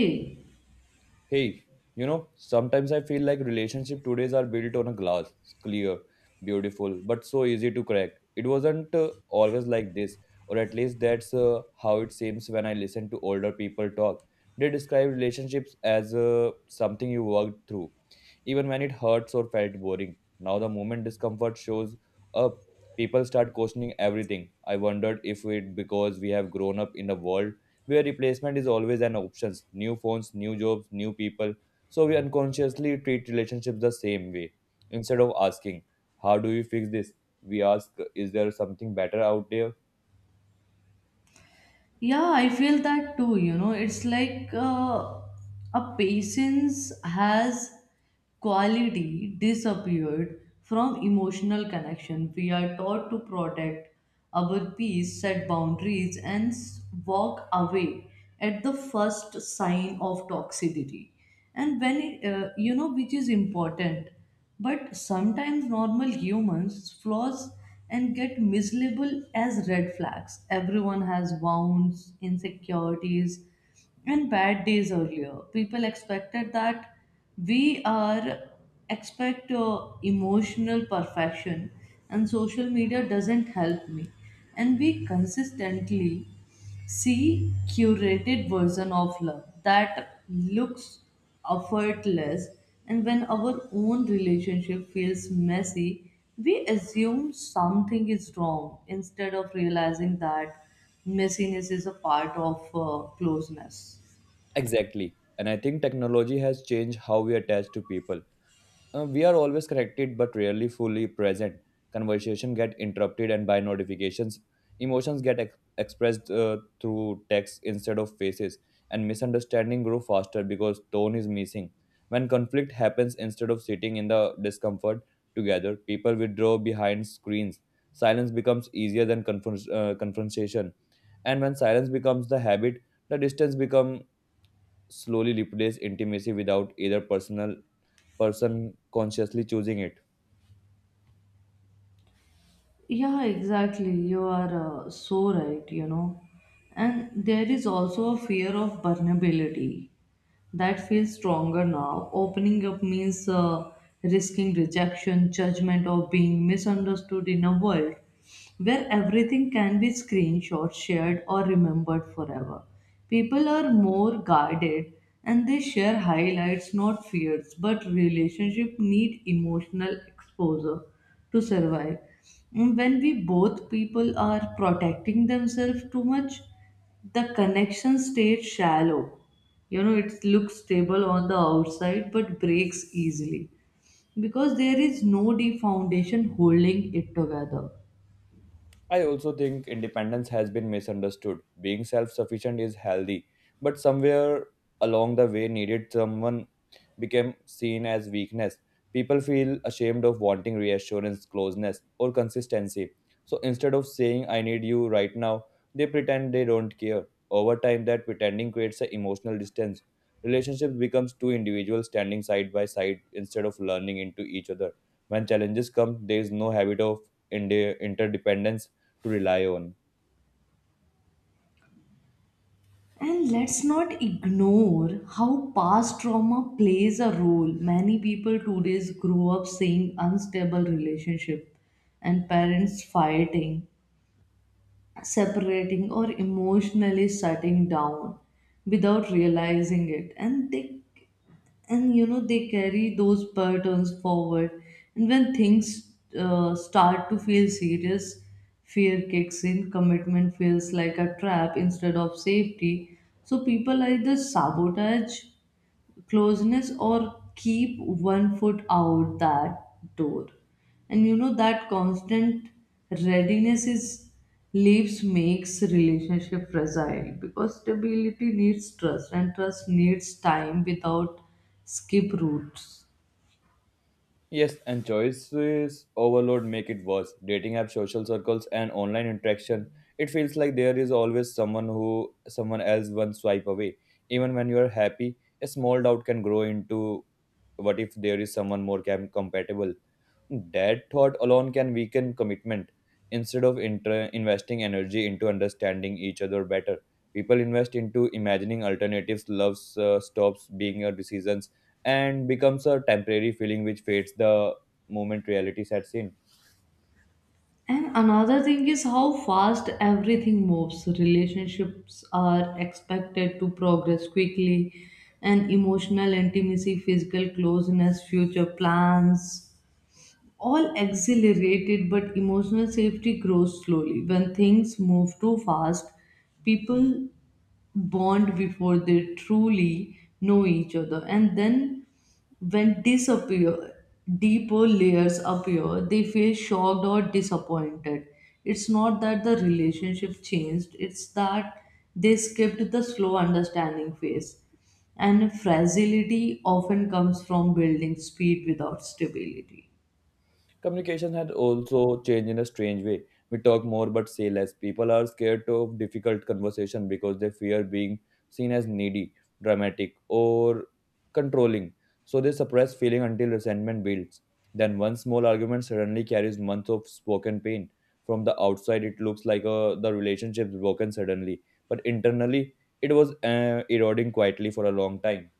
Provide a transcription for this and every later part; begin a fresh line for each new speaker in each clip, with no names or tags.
Yeah,
Hey, sometimes I feel like relationship todays are built on a glass, clear, beautiful, but so easy to crack. It wasn't always like this, or at least that's how it seems when I listen to older people talk. They describe relationships as something you worked through even when it hurts or felt boring. Now, the moment discomfort shows up, people start questioning everything. I wondered if it because we have grown up in a world where replacement is always an option new phones, new jobs, new people. So, we unconsciously treat relationships the same way. Instead of asking, how do we fix this? We ask, is there something better out there?
I feel that too, you know, it's like a patience has quality disappeared from emotional connection. We are taught to protect our peace, set boundaries, and walk away at the first sign of toxicity. And when it, which is important, but sometimes normal humans flaws and get mislabeled as red flags. Everyone has wounds, insecurities, and bad days. Earlier people expected that. We are expect emotional perfection, and social media doesn't help me. And we consistently see curated version of love that looks effortless. And when our own relationship feels messy, we assume something is wrong instead of realizing that messiness is a part of closeness.
Exactly. And I think technology has changed how we attach to people. We are always connected but rarely fully present. Conversation get interrupted and by notifications. Emotions get expressed through text instead of faces, and misunderstanding grow faster because tone is missing. When conflict happens, instead of sitting in the discomfort together, people withdraw behind screens. Silence becomes easier than confrontation, and when silence becomes the habit, the distance become slowly replace intimacy without either person consciously choosing it.
Yeah, exactly. You are so right, you know. And there is also a fear of vulnerability that feels stronger now. Opening up means risking rejection, judgment, or being misunderstood in a world where everything can be screenshot, shared, or remembered forever. People are more guarded and they share highlights, not fears, but relationships need emotional exposure to survive. And when we both people are protecting themselves too much, the connection stays shallow. You know, it looks stable on the outside but breaks easily because there is no deep foundation holding it together.
I also think independence has been misunderstood. Being self sufficient is healthy, but somewhere along the way needed someone became seen as weakness. People feel ashamed of wanting reassurance, closeness, or consistency. So instead of saying, I need you right now, they pretend they don't care. Over time, that pretending creates an emotional distance. Relationships becomes two individuals standing side by side instead of learning into each other. When challenges come, there is no habit of interdependence to rely on.
And let's not ignore how past trauma plays a role. Many people today grow up seeing unstable relationship and parents fighting, separating, or emotionally shutting down without realizing it. And you know, they carry those patterns forward. And when things start to feel serious, fear kicks in. Commitment feels like a trap instead of safety, so people either sabotage closeness or keep one foot out that door. And you know, that constant readiness is leaves makes relationship fragile because stability needs trust and trust needs time without skip routes.
Yes, and choices overload make it worse. Dating apps, social circles, and online interaction. It feels like there is always someone who someone else one swipe away. Even when you are happy, a small doubt can grow into what if there is someone more compatible? That thought alone can weaken commitment. Instead of investing energy into understanding each other better, people invest into imagining alternatives. Love stops being a decision and becomes a temporary feeling which fades the moment reality sets in.
And another thing is how fast everything moves. Relationships are expected to progress quickly, and emotional intimacy, physical closeness, future plans, all exhilarated, but emotional safety grows slowly. When things move too fast, people bond before they truly know each other. And then when disappear, deeper layers appear, they feel shocked or disappointed. It's not that the relationship changed, it's that they skipped the slow understanding phase. And fragility often comes from building speed without stability.
Communication had also changed in a strange way. We talk more but say less. People are scared of difficult conversation because they fear being seen as needy, dramatic, or controlling. So they suppress feeling until resentment builds. Then one small argument suddenly carries months of spoken pain. From the outside, it looks like the relationship's broken suddenly, but internally, it was eroding quietly for a long time.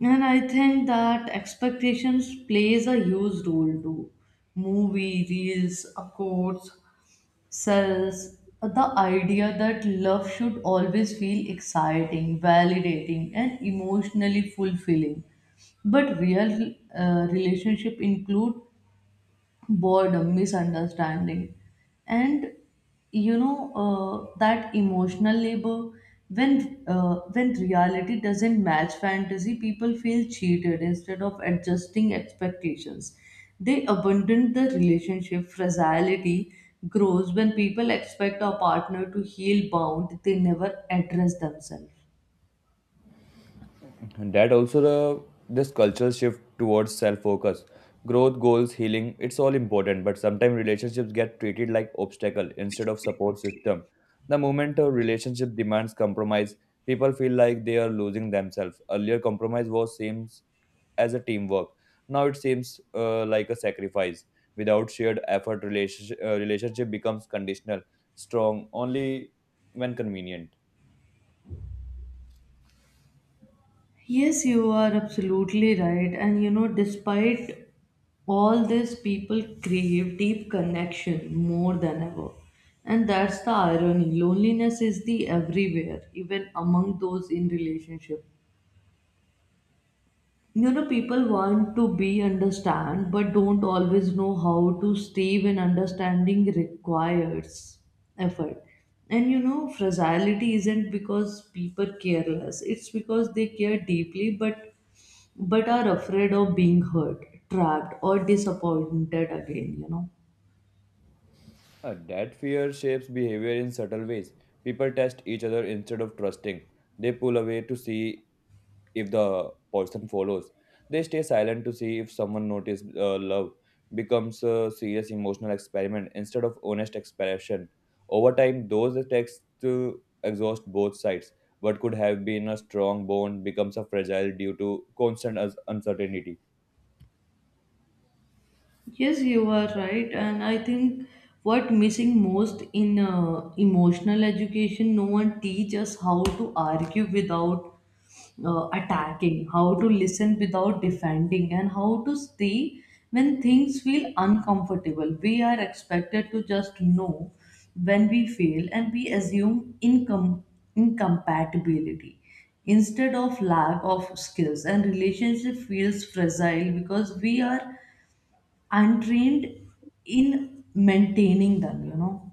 And I think that expectations plays a huge role too. Movie, reels, quotes, sells the idea that love should always feel exciting, validating, and emotionally fulfilling. But real relationship include boredom, misunderstanding. And you know, that emotional labor when reality doesn't match fantasy, people feel cheated instead of adjusting expectations. They abandon the relationship. Fragility grows when people expect a partner to heal bound they never address themselves.
And that also the this cultural shift towards self-focus, growth, goals, healing, it's all important, but sometimes relationships get treated like obstacle instead of support system. The moment a relationship demands compromise, people feel like they are losing themselves. Earlier compromise was seems as a teamwork. Now it seems like a sacrifice. Without shared effort, relationship becomes conditional, strong only when convenient.
Yes, you are absolutely right. And you know, despite all this, people crave deep connection more than ever. And that's the irony. Loneliness is the everywhere, even among those in relationship. You know, people want to be understand but don't always know how to stay when understanding requires effort. And you know, fragility isn't because people careless, it's because they care deeply, but are afraid of being hurt, trapped, or disappointed again, you know.
That fear shapes behavior in subtle ways. People test each other instead of trusting. They pull away to see if the person follows. They stay silent to see if someone notices. Love becomes a serious emotional experiment instead of honest expression. Over time, those attacks to exhaust both sides. What could have been a strong bond becomes a fragile due to constant uncertainty.
Yes, you are right. And I think what missing most in emotional education, no one teaches how to argue without attacking, how to listen without defending, and how to stay when things feel uncomfortable. We are expected to just know. When we fail, and we assume incompatibility instead of lack of skills, and relationship feels fragile because we are untrained in maintaining them, you know.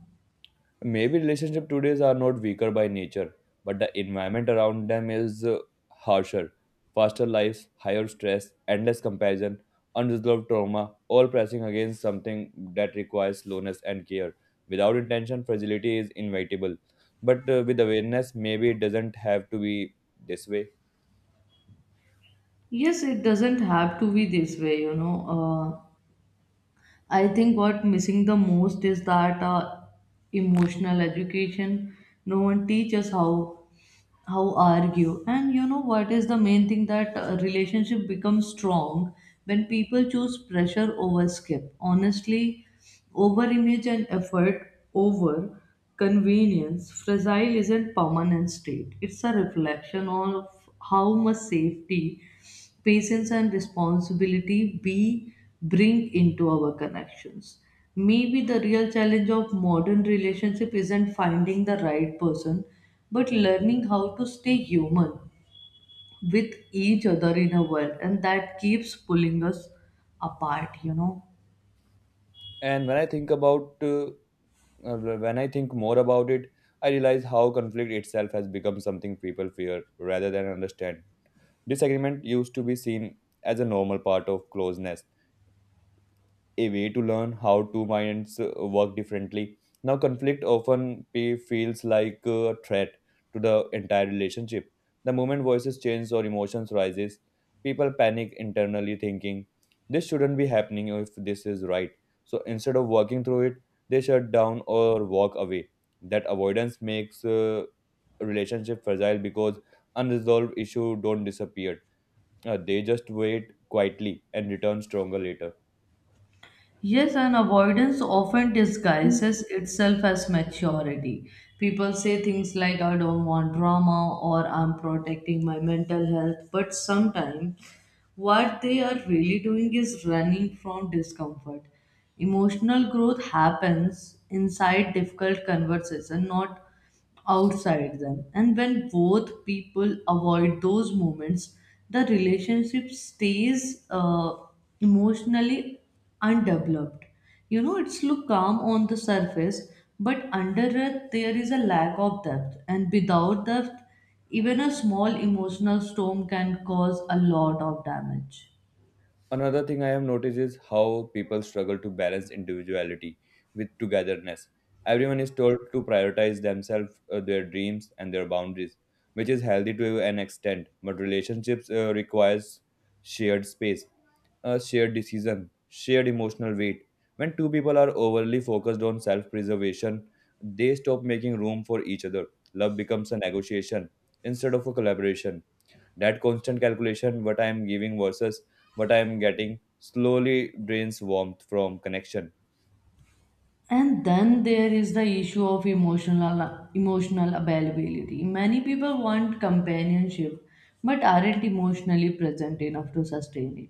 Maybe relationship today's are not weaker by nature, but the environment around them is harsher. Faster lives, higher stress, endless comparison, unresolved trauma, all pressing against something that requires slowness and care. Without intention, fragility is inevitable. But with awareness, maybe it doesn't have to be this way.
Yes, it doesn't have to be this way, you know. I think what missing the most is that emotional education. No one teaches how argue. And you know, what is the main thing that relationship becomes strong when people choose pressure over skip, honestly over image, and effort over convenience. Fragile isn't permanent state, it's a reflection of how much safety, patience, and responsibility we bring into our connections. Maybe the real challenge of modern relationship isn't finding the right person, but learning how to stay human with each other in a world, and that keeps pulling us apart, you know.
And when I think more about it, I realize how conflict itself has become something people fear rather than understand. Disagreement used to be seen as a normal part of closeness, a way to learn how two minds work differently. Now, conflict often feels like a threat to the entire relationship. The moment voices change or emotions rises, people panic internally, thinking this shouldn't be happening if this is right. So instead of working through it, they shut down or walk away. That avoidance makes relationship fragile because unresolved issue don't disappear. They just wait quietly and return stronger later.
Yes, and avoidance often disguises itself as maturity. People say things like, I don't want drama or I'm protecting my mental health, but sometimes what they are really doing is running from discomfort. Emotional growth happens inside difficult conversation, not outside them. And when both people avoid those moments, the relationship stays emotionally undeveloped. You know, it's look calm on the surface, but under it there is a lack of depth, and without depth, even a small emotional storm can cause a lot of damage.
Another thing I have noticed is how people struggle to balance individuality with togetherness. Everyone is told to prioritize themselves, their dreams, and their boundaries, which is healthy to an extent. But relationships requires shared space, a shared decision, shared emotional weight. When two people are overly focused on self-preservation, they stop making room for each other. Love becomes a negotiation instead of a collaboration. That constant calculation, what I am giving versus what I am getting, slowly drains warmth from connection.
And then there is the issue of emotional availability. Many people want companionship but aren't emotionally present enough to sustain it.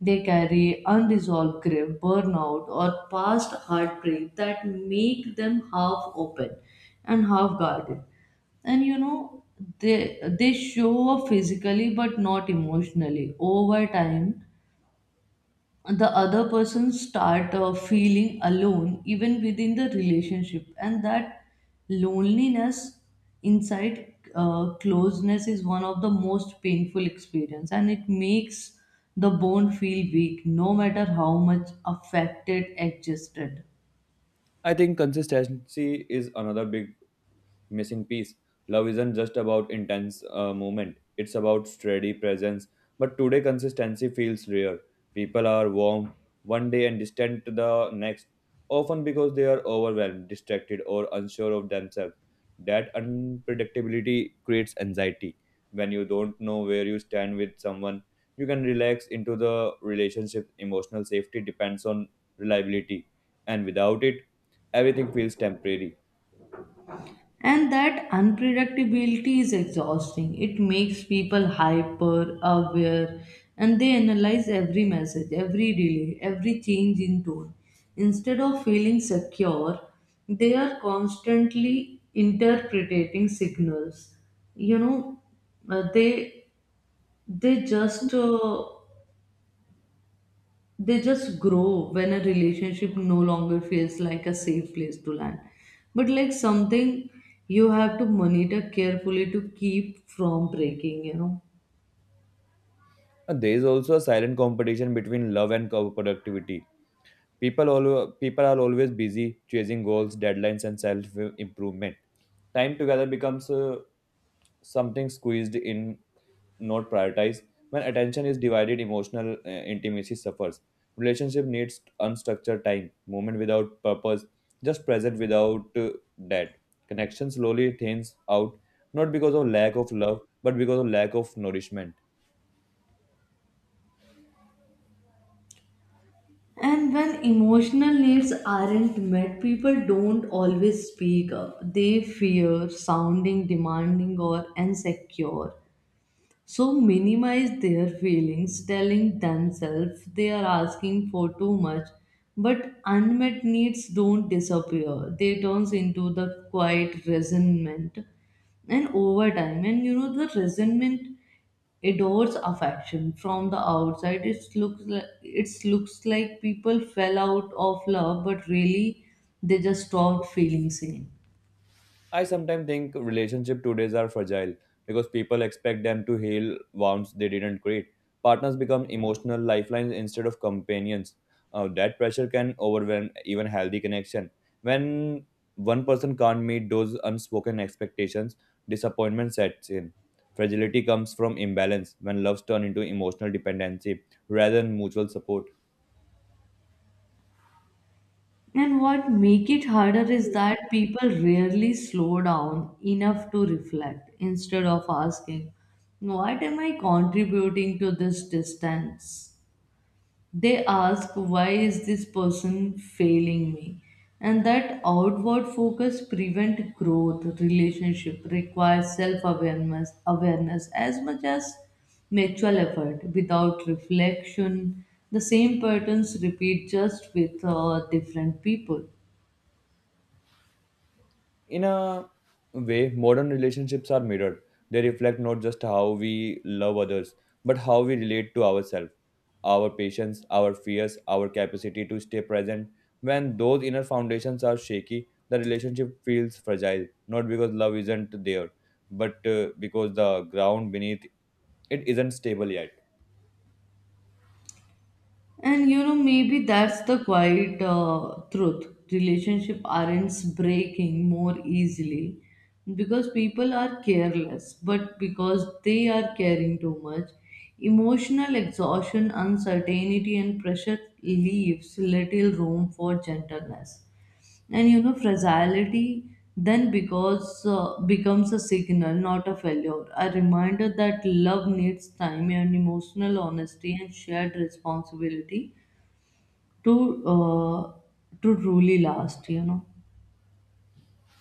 They carry unresolved grief, burnout, or past heartbreak that make them half open and half guarded. And you know, they show up physically but not emotionally. Over time, the other person start feeling alone even within the relationship, and that loneliness inside closeness is one of the most painful experience, and it makes the bone feel weak no matter how much affected existed.
I think consistency is another big missing piece. Love isn't just about intense moment, it's about steady presence. But today, consistency feels rare. People are warm one day and distant the next, often because they are overwhelmed, distracted, or unsure of themselves. That unpredictability creates anxiety. When you don't know where you stand with someone, you can relax into the relationship. Emotional safety depends on reliability, and without it, everything feels temporary.
And that unpredictability is exhausting. It makes people hyper aware, and they analyze every message, every delay, every change in tone. Instead of feeling secure, they are constantly interpreting signals. You know, uh, they they just uh, they just grow when a relationship no longer feels like a safe place to land but like something you have to monitor carefully to keep from breaking, you know.
And there is also a silent competition between love and productivity. People always, people are always busy chasing goals, deadlines, and self improvement. Time together becomes something squeezed in, not prioritized. When attention is divided, emotional intimacy suffers. Relationship needs unstructured time, moment without purpose, just present without that. Connection slowly thins out, not because of lack of love, but because of lack of nourishment.
And when emotional needs aren't met, people don't always speak up. They fear sounding demanding or insecure, so minimize their feelings, telling themselves they are asking for too much. But unmet needs don't disappear. They turns into the quiet resentment. And over time, and you know, the resentment adores affection. From the outside, it looks like people fell out of love, but really they just stopped feeling same.
I sometimes think relationships today are fragile because people expect them to heal wounds they didn't create. Partners become emotional lifelines instead of companions. That pressure can overwhelm even healthy connection. When one person can't meet those unspoken expectations, disappointment sets in. Fragility comes from imbalance when loves turn into emotional dependency rather than mutual support.
And what make it harder is that people rarely slow down enough to reflect. Instead of asking, what am I contributing to this distance? They ask, why is this person failing me? And that outward focus prevent growth. Relationship requires self-awareness awareness as much as mutual effort. Without reflection, the same patterns repeat just with different people.
In a way, modern relationships are mirrored. They reflect not just how we love others, but how we relate to ourselves, our patience, our fears, our capacity to stay present. When those inner foundations are shaky, the relationship feels fragile, not because love isn't there, but because the ground beneath it isn't stable yet.
And you know, maybe that's the quiet truth. Relationship aren't breaking more easily because people are careless, but because they are caring too much. Emotional exhaustion, uncertainty, and pressure leaves little room for gentleness. And you know, fragility then because becomes a signal, not a failure, a reminder that love needs time and emotional honesty and shared responsibility to uh, to truly last, you know.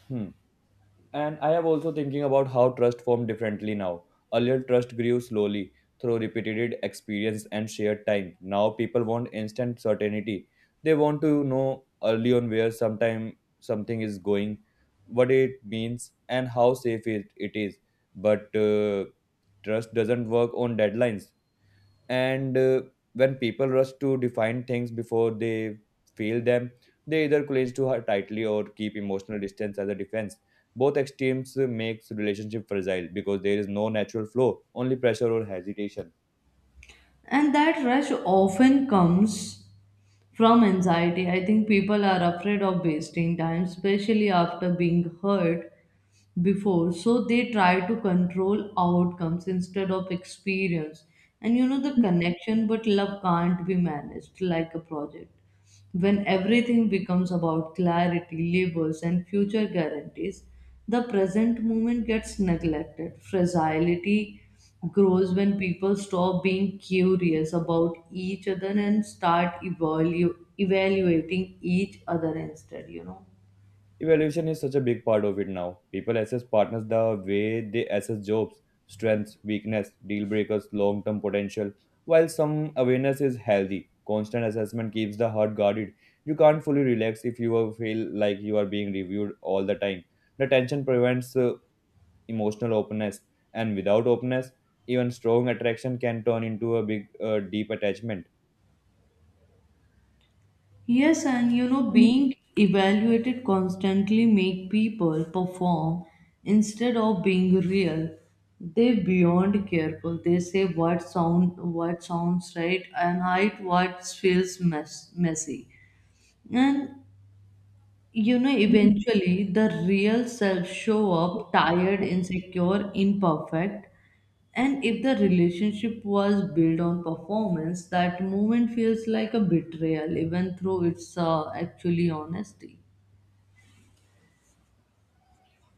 Hmm. And I am also thinking about how trust formed differently now. Earlier, trust grew slowly through repeated experience and shared time. Now, people want instant certainty. They want to know early on where sometime something is going, what it means, and how safe it, it is. But trust doesn't work on deadlines, and when people rush to define things before they feel them, they either cling to her tightly or keep emotional distance as a defense. Both extremes makes relationship fragile because there is no natural flow, only pressure or hesitation.
And that rush often comes from anxiety. I think people are afraid of wasting time, especially after being hurt before, so they try to control outcomes instead of experience. And you know, the connection, but love can't be managed like a project. When everything becomes about clarity, labels, and future guarantees, the present moment gets neglected. Fragility grows when people stop being curious about each other and start evaluating each other instead, you know.
Evaluation is such a big part of it now. People assess partners the way they assess jobs, strengths, weakness, deal breakers, long term potential. While some awareness is healthy, constant assessment keeps the heart guarded. You can't fully relax if feel like you are being reviewed all the time. The tension prevents emotional openness, and without openness, even strong attraction can turn into a big, deep attachment.
Yes, and you know, being evaluated constantly make people perform instead of being real. They beyond careful. They say what sounds right and hide what feels messy. And you know, eventually the real self show up tired, insecure, imperfect. And if the relationship was built on performance, that moment feels like a betrayal, even though it's actually honesty.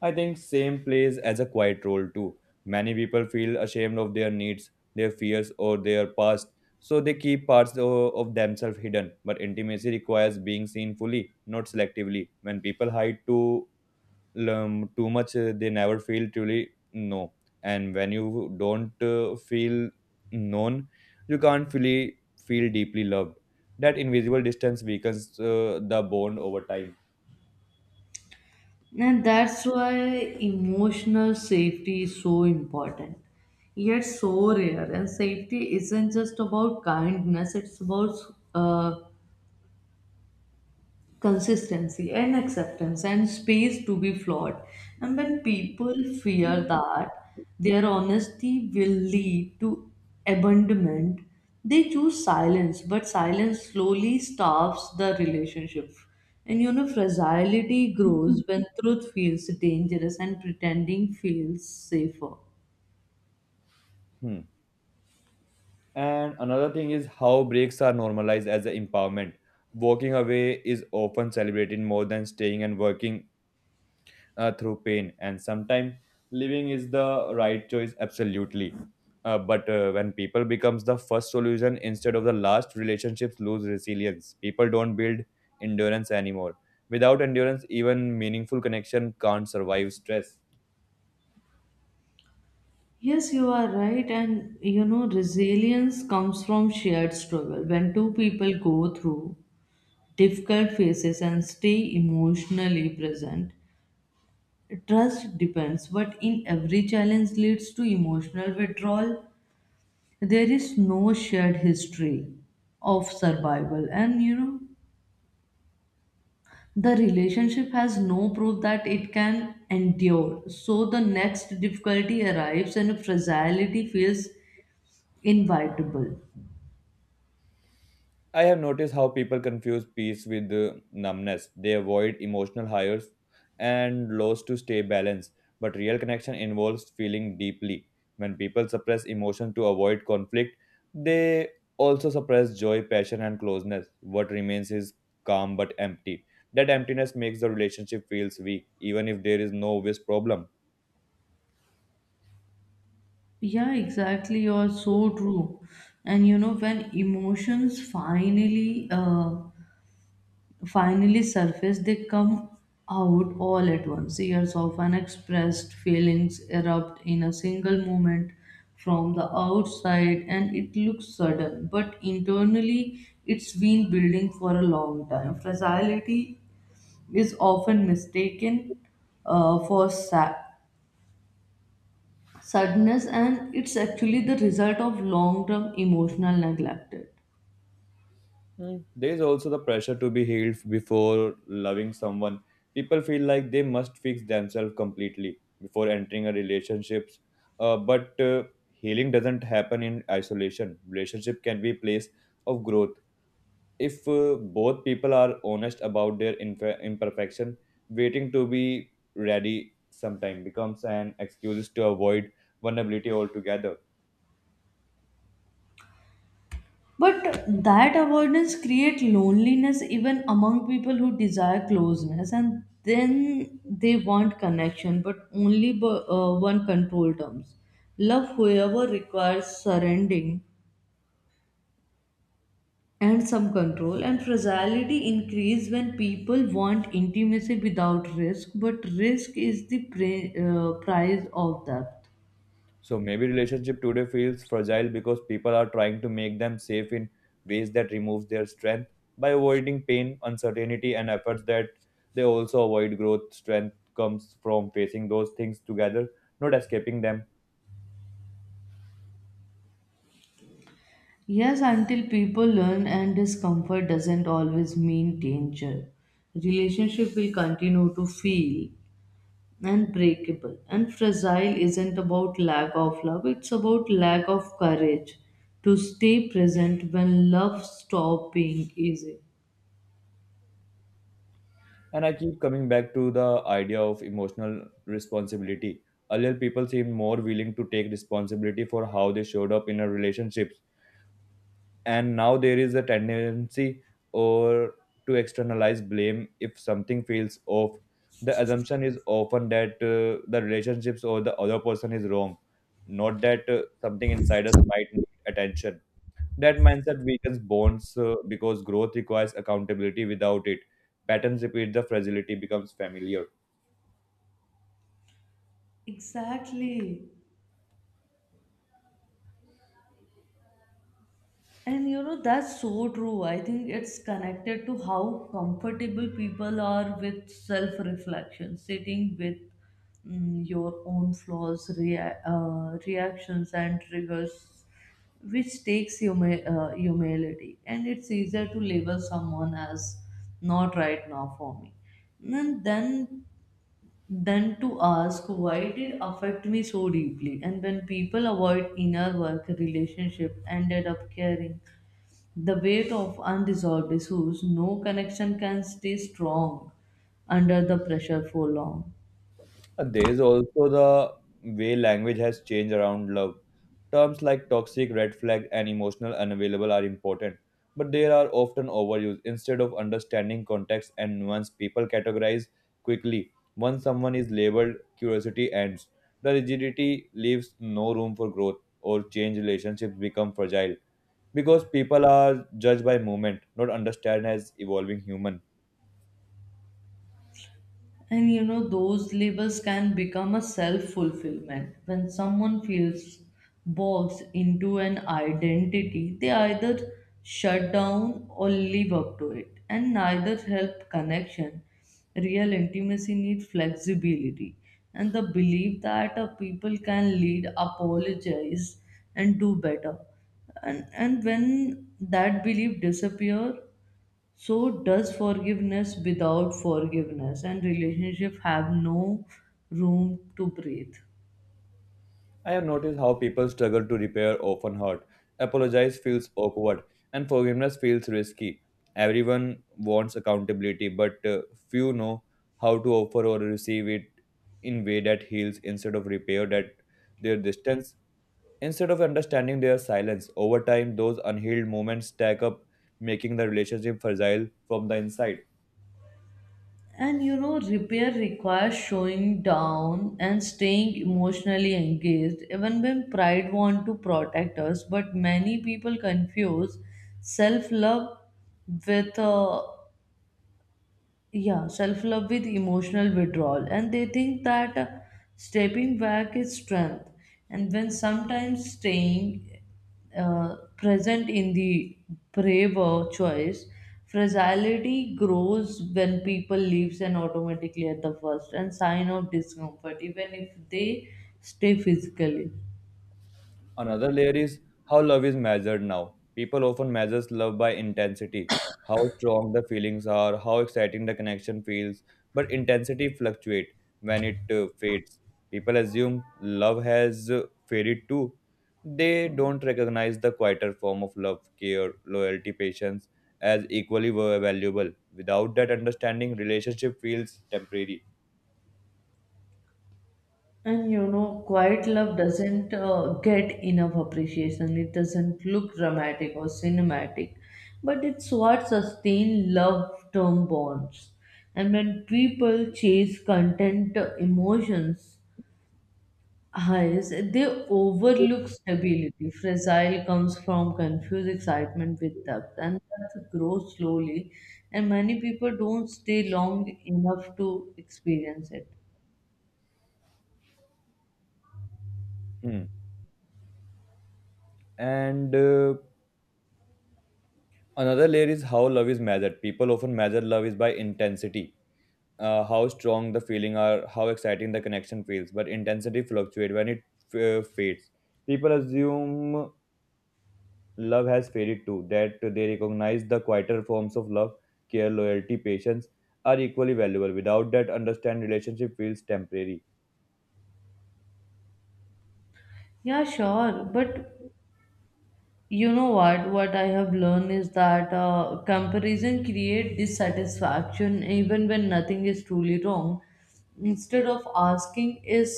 I think shame plays as a quiet role too. Many people feel ashamed of their needs, their fears, or their past, so they keep parts of themselves hidden. But intimacy requires being seen fully, not selectively. When people hide too much, they never feel truly known. And when you don't feel known, you can't fully feel deeply loved. That invisible distance weakens the bond over time.
And that's why emotional safety is so important, yet so rare. And safety isn't just about kindness, it's about uh, consistency and acceptance and space to be flawed. And when people fear that their honesty will lead to abandonment, they choose silence, but silence slowly starves the relationship. And you know, fragility grows when truth feels dangerous and pretending feels safer.
Hmm. And another thing is how breaks are normalized as an empowerment. Walking away is often celebrated more than staying and working through pain. And sometimes living is the right choice, absolutely. But when people becomes the first solution instead of the last, relationships lose resilience. People don't build endurance anymore. Without endurance, even meaningful connection can't survive stress.
Yes, you are right. And you know, resilience comes from shared struggle. When two people go through difficult phases and stay emotionally present. Trust depends, but in every challenge leads to emotional withdrawal. There is no shared history of survival, and you know, the relationship has no proof that it can endure. So the next difficulty arrives, and fragility feels inevitable.
I have noticed how people confuse peace with numbness. They avoid emotional highs and lows to stay balanced. But real connection involves feeling deeply. When people suppress emotion to avoid conflict, they also suppress joy, passion, and closeness. What remains is calm but empty. That emptiness makes the relationship feels weak, even if there is no obvious problem.
Yeah, exactly. You're so true. And you know, when emotions finally surface, they come out all at once. Years of unexpressed feelings erupt in a single moment. From the outside, and it looks sudden, but internally it's been building for a long time. Fragility is often mistaken for sadness, and it's actually the result of long term emotional neglect.
There is also the pressure to be healed before loving someone. People feel like they must fix themselves completely before entering a relationship. But healing doesn't happen in isolation. Relationship can be a place of growth if both people are honest about their imperfection. Waiting to be ready sometime becomes an excuse to avoid vulnerability altogether.
But that avoidance creates loneliness even among people who desire closeness, and then they want connection, but only one control terms. Love, however, requires surrendering and some control, and fragility increase when people want intimacy without risk, but risk is the price of that.
So maybe relationship today feels fragile because people are trying to make them safe in ways that removes their strength by avoiding pain, uncertainty, and efforts that they also avoid growth. Strength comes from facing those things together, not escaping them.
Yes, until people learn and discomfort doesn't always mean danger. Relationship will continue to feel unbreakable. And fragile isn't about lack of love, it's about lack of courage to stay present when love stops being easy.
And I keep coming back to the idea of emotional responsibility. Earlier, people seemed more willing to take responsibility for how they showed up in a relationship, and now there is a tendency or to externalize blame. If something feels off, the assumption is often that the relationships or the other person is wrong, not that something inside us might need attention. That mindset weakens bonds because growth requires accountability. Without it, patterns repeat, the fragility becomes familiar.
Exactly. And you know, that's so true. I think it's connected to how comfortable people are with self reflection, sitting with your own flaws, reactions, and triggers, which takes humility. And it's easier to label someone as not right now for me. And then to ask why did it affect me so deeply. And when people avoid inner work, relationship ended up caring the weight of unresolved issues. No connection can stay strong under the pressure for long.
There is also the way language has changed around love. Terms like toxic, red flag, and emotional unavailable are important, but they are often overused. Instead of understanding context and nuance, people categorize quickly. Once someone is labeled, curiosity ends. The rigidity leaves no room for growth or change. Relationships become fragile because people are judged by movement, not understand as evolving human.
And you know, those labels can become a self fulfillment. When someone feels boxed into an identity, they either shut down or live up to it, and neither help connection. Real intimacy needs flexibility and the belief that a people can lead, apologize, and do better. And when that belief disappears, so does forgiveness. Without forgiveness and relationship have no room to breathe?
I have noticed how people struggle to repair often hurt. Apologize feels awkward, and forgiveness feels risky. Everyone wants accountability, but few know how to offer or receive it in way that heals instead of repair that their distance. Instead of understanding their silence, over time those unhealed moments stack up, making the relationship fragile from the inside.
And you know, repair requires showing down and staying emotionally engaged, even when pride want to protect us. But many people confuse self love with emotional withdrawal, and they think that stepping back is strength, and when sometimes staying present in the braver choice. Fragility grows when people leaves and automatically at the first and sign of discomfort even if they stay physically.
Another layer is how love is measured now. People often measure love by intensity, how strong the feelings are, how exciting the connection feels, but intensity fluctuates when it fades. People assume love has faded too. They don't recognize the quieter form of love, care, loyalty, patience as equally valuable. Without that understanding, relationship feels temporary.
And you know, quiet love doesn't get enough appreciation. It doesn't look dramatic or cinematic, but it's what sustains love term bonds. And when people chase content emotions highs, they overlook stability. Fragile comes from confused excitement with depth, and that grows slowly. And many people don't stay long enough to experience it.
Hmm. And Another layer is how love is measured. People often measure love is by intensity, how strong the feeling are, how exciting the connection feels. But intensity fluctuates when it fades. People assume love has faded too, that they recognize the quieter forms of love, care, loyalty, patience are equally valuable. Without that, understand relationship feels temporary.
Yeah, sure. But you know, what I have learned is that comparison create dissatisfaction even when nothing is truly wrong. Instead of asking, is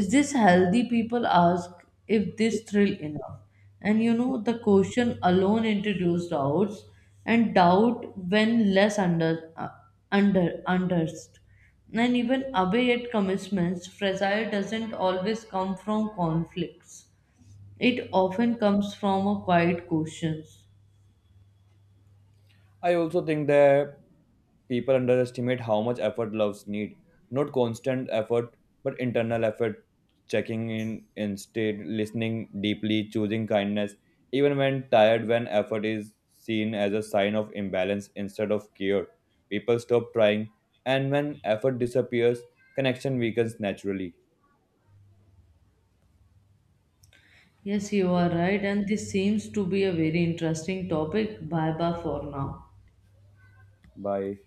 is this healthy, people ask if this thrill enough. And you know, the question alone introduced doubts, and doubt when less under understood and even away at commitments. Fragile doesn't always come from conflicts, it often comes from a quiet questions.
I also think that people underestimate how much effort loves need. Not constant effort, but internal effort. Checking in instead, listening deeply, choosing kindness, even when tired, when effort is seen as a sign of imbalance instead of cure. People stop trying, and when effort disappears, connection weakens naturally.
Yes, you are right, and this seems to be a very interesting topic. Bye bye for now.
Bye.